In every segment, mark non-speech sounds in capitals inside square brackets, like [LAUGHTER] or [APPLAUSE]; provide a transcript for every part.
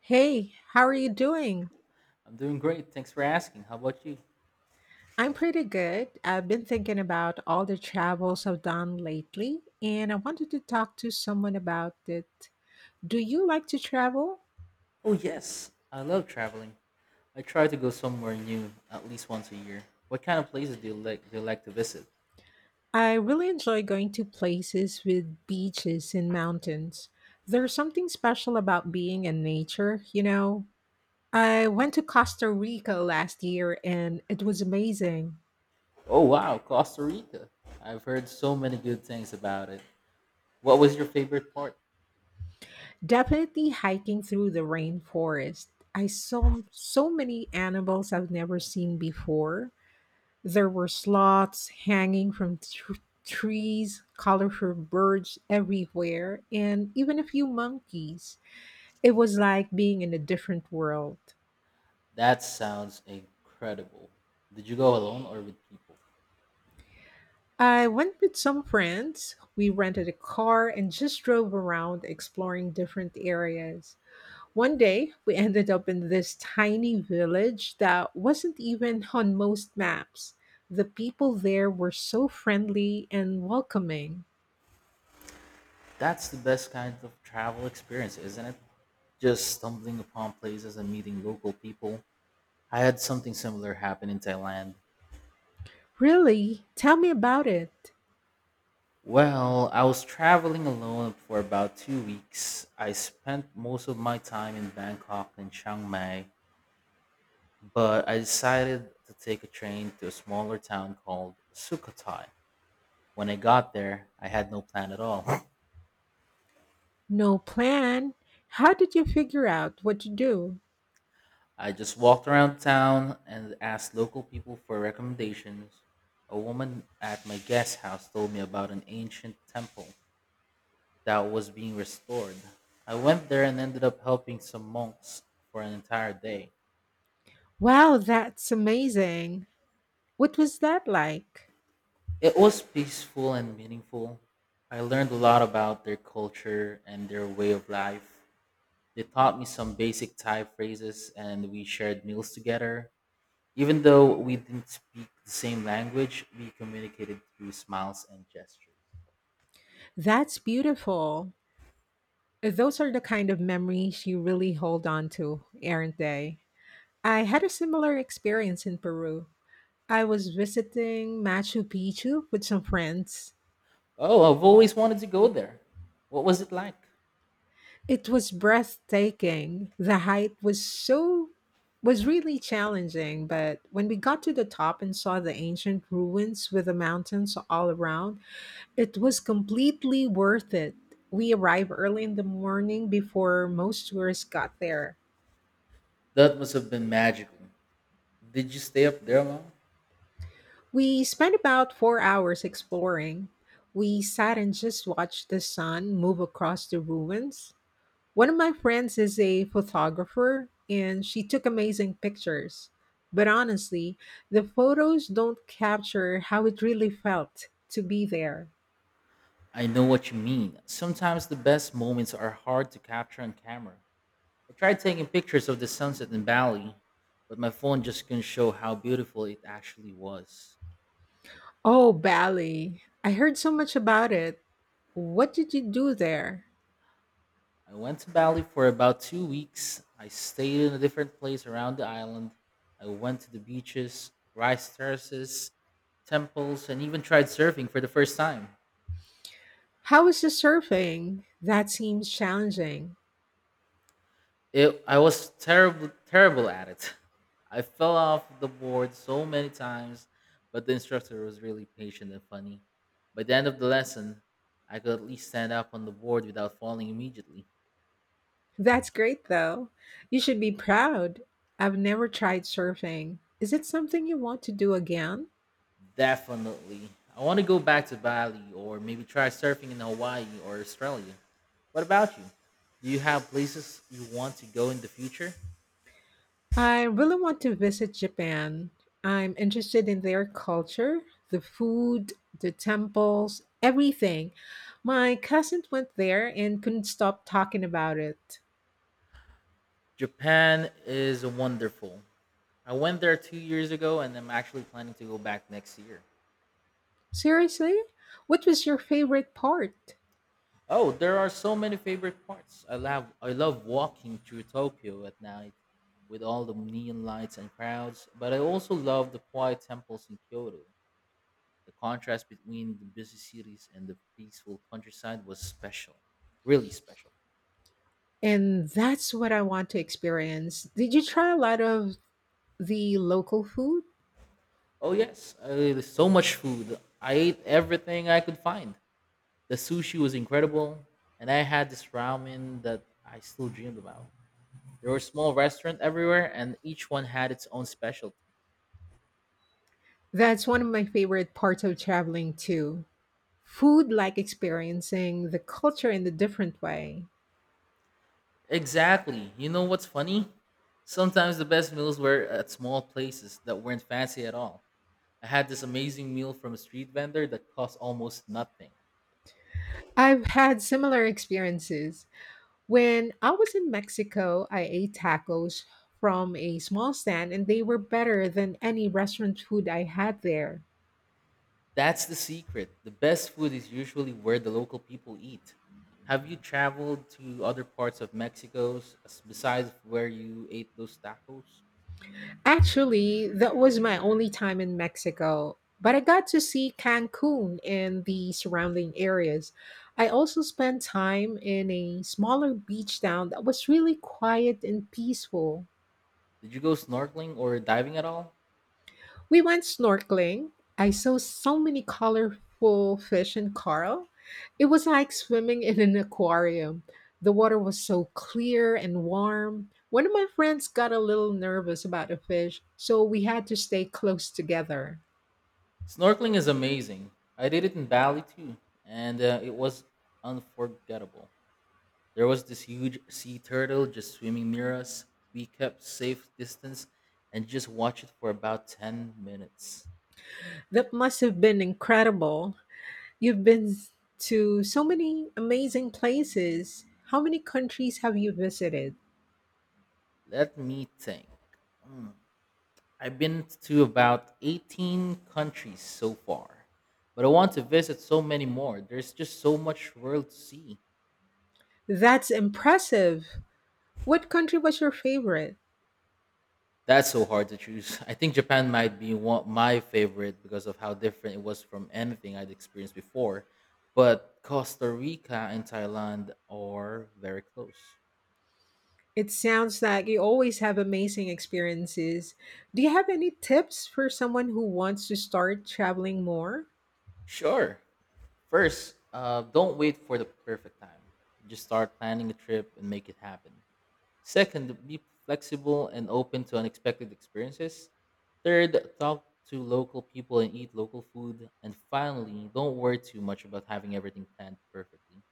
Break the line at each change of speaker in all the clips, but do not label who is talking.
Hey, how are you doing?
I'm doing great. Thanks for asking. How about you?
I'm pretty good. I've been thinking about all the travels I've done lately, and I wanted to talk to someone about it. Do you like to travel?
Oh, yes. I love traveling. I try to go somewhere new at least once a year. What kind of places do you like to visit?
I really enjoy going to places with beaches and mountains. There's something special about being in nature, you know? I went to Costa Rica last year and it was amazing.
Oh wow, Costa Rica. I've heard so many good things about it. What was your favorite part?
Definitely hiking through the rainforest. I saw so many animals I've never seen before. There were sloths hanging from trees, colorful birds everywhere, and even a few monkeys. It was like being in a different world.
That sounds incredible. Did you go alone or with people?
I went with some friends. We rented a car and just drove around exploring different areas. One day, we ended up in this tiny village that wasn't even on most maps. The people there were so friendly and welcoming.
That's the best kind of travel experience, isn't it? Just stumbling upon places and meeting local people. I had something similar happen in Thailand.
Really? Tell me about it.
Well, I was traveling alone for about 2 weeks. I spent most of my time in Bangkok and Chiang Mai, but I decided to take a train to a smaller town called Sukhothai. When I got there, I had no plan at all.
No plan. How did you figure out what to do?
I just walked around town and asked local people for recommendations. A woman at my guest house told me about an ancient temple that was being restored. I went there and ended up helping some monks for an entire day.
Wow, that's amazing. What was that like?
It was peaceful and meaningful. I learned a lot about their culture and their way of life. They taught me some basic Thai phrases and we shared meals together. Even though we didn't speak the same language, we communicated through smiles and gestures.
That's beautiful. Those are the kind of memories you really hold on to, aren't they? I had a similar experience in Peru. I was visiting Machu Picchu with some friends.
Oh, I've always wanted to go there. What was it like?
It was breathtaking. The height was really challenging, but when we got to the top and saw the ancient ruins with the mountains all around, it was completely worth it. We arrived early in the morning before most tourists got there.
That must have been magical. Did you stay up there long?
We spent about 4 hours exploring. We sat and just watched the sun move across the ruins. One of my friends is a photographer and she took amazing pictures. But honestly, the photos don't capture how it really felt to be there.
I know what you mean. Sometimes the best moments are hard to capture on camera. I tried taking pictures of the sunset in Bali, but my phone just couldn't show how beautiful it actually was.
Oh, Bali. I heard so much about it. What did you do there?
I went to Bali for about 2 weeks. I stayed in a different place around the island. I went to the beaches, rice terraces, temples, and even tried surfing for the first time.
How was the surfing? That seems challenging.
I was terrible at it. [LAUGHS] I fell off the board so many times, but the instructor was really patient and funny. By the end of the lesson, I could at least stand up on the board without falling immediately.
That's great, though. You should be proud. I've never tried surfing. Is it something you want to do again?
Definitely. I want to go back to Bali or maybe try surfing in Hawaii or Australia. What about you? Do you have places you want to go in the future?
I really want to visit Japan. I'm interested in their culture, the food, the temples, everything. My cousin went there and couldn't stop talking about it.
Japan is wonderful. I went there 2 years ago and I'm actually planning to go back next year.
Seriously? What was your favorite part?
Oh, there are so many favorite parts. I love walking through Tokyo at night with all the neon lights and crowds, but I also love the quiet temples in Kyoto. The contrast between the busy cities and the peaceful countryside was special. Really special.
And that's what I want to experience. Did you try a lot of the local food?
Oh yes, so much food. I ate everything I could find. The sushi was incredible, and I had this ramen that I still dreamed about. There were small restaurants everywhere, and each one had its own specialty.
That's one of my favorite parts of traveling too. Food, like experiencing the culture in a different way.
Exactly. You know what's funny? Sometimes the best meals were at small places that weren't fancy at all. I had this amazing meal from a street vendor that cost almost nothing.
I've had similar experiences. When I was in Mexico, I ate tacos from a small stand and they were better than any restaurant food I had there.
That's the secret. The best food is usually where the local people eat. Have you traveled to other parts of besides where you ate those tacos?
Actually, that was my only time in Mexico, but I got to see Cancun and the surrounding areas. I also spent time in a smaller beach town that was really quiet and peaceful.
Did you go snorkeling or diving at all?
We went snorkeling. I saw so many colorful fish and coral. It was like swimming in an aquarium. The water was so clear and warm. One of my friends got a little nervous about a fish, so we had to stay close together.
Snorkeling is amazing. I did it in Bali too, and it was unforgettable. There was this huge sea turtle just swimming near us. We kept safe distance and just watched it for about 10 minutes.
That must have been incredible. You've been to so many amazing places. How many countries have you visited?
Let me think. I've been to about 18 countries so far, but I want to visit so many more. There's just so much world to see.
That's impressive. What country was your favorite?
That's so hard to choose. [LAUGHS] I think Japan might be one, my favorite because of how different it was from anything I'd experienced before, but Costa Rica and Thailand are very close.
It sounds like you always have amazing experiences. Do you have any tips for someone who wants to start traveling more?
Sure. First, don't wait for the perfect time. Just start planning a trip and make it happen. Second, be flexible and open to unexpected experiences. Third, talk to local people and eat local food. And finally, don't worry too much about having everything planned perfectly.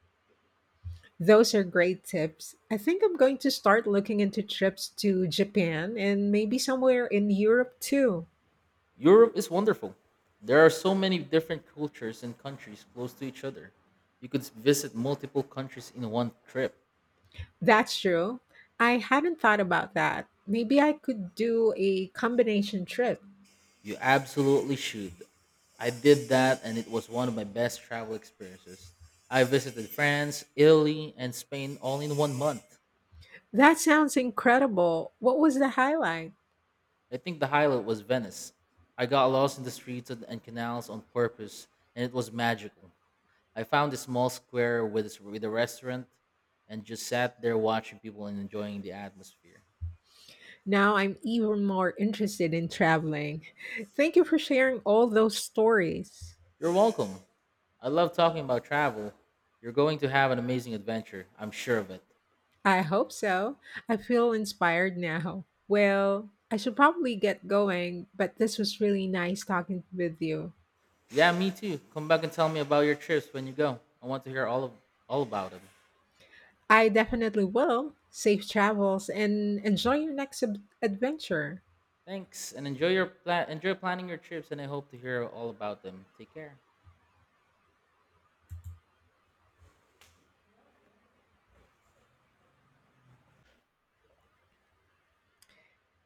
Those are great tips. I think I'm going to start looking into trips to Japan and maybe somewhere in Europe too.
Europe is wonderful. There are so many different cultures and countries close to each other. You could visit multiple countries in one trip.
That's true. I hadn't thought about that. Maybe I could do a combination trip.
You absolutely should. I did that and it was one of my best travel experiences. I visited France, Italy, and Spain all in one month.
That sounds incredible. What was the highlight?
I think the highlight was Venice. I got lost in the streets and canals on purpose, and it was magical. I found a small square with a restaurant and just sat there watching people and enjoying the atmosphere.
Now I'm even more interested in traveling. Thank you for sharing all those stories.
You're welcome. I love talking about travel. You're going to have an amazing adventure, I'm sure of it.
I hope so. I feel inspired now. Well, I should probably get going, but this was really nice talking with you.
Yeah, me too. Come back and tell me about your trips when you go. I want to hear all about them.
I definitely will. Safe travels and enjoy your next adventure.
Thanks, and enjoy planning your trips. And I hope to hear all about them. Take care.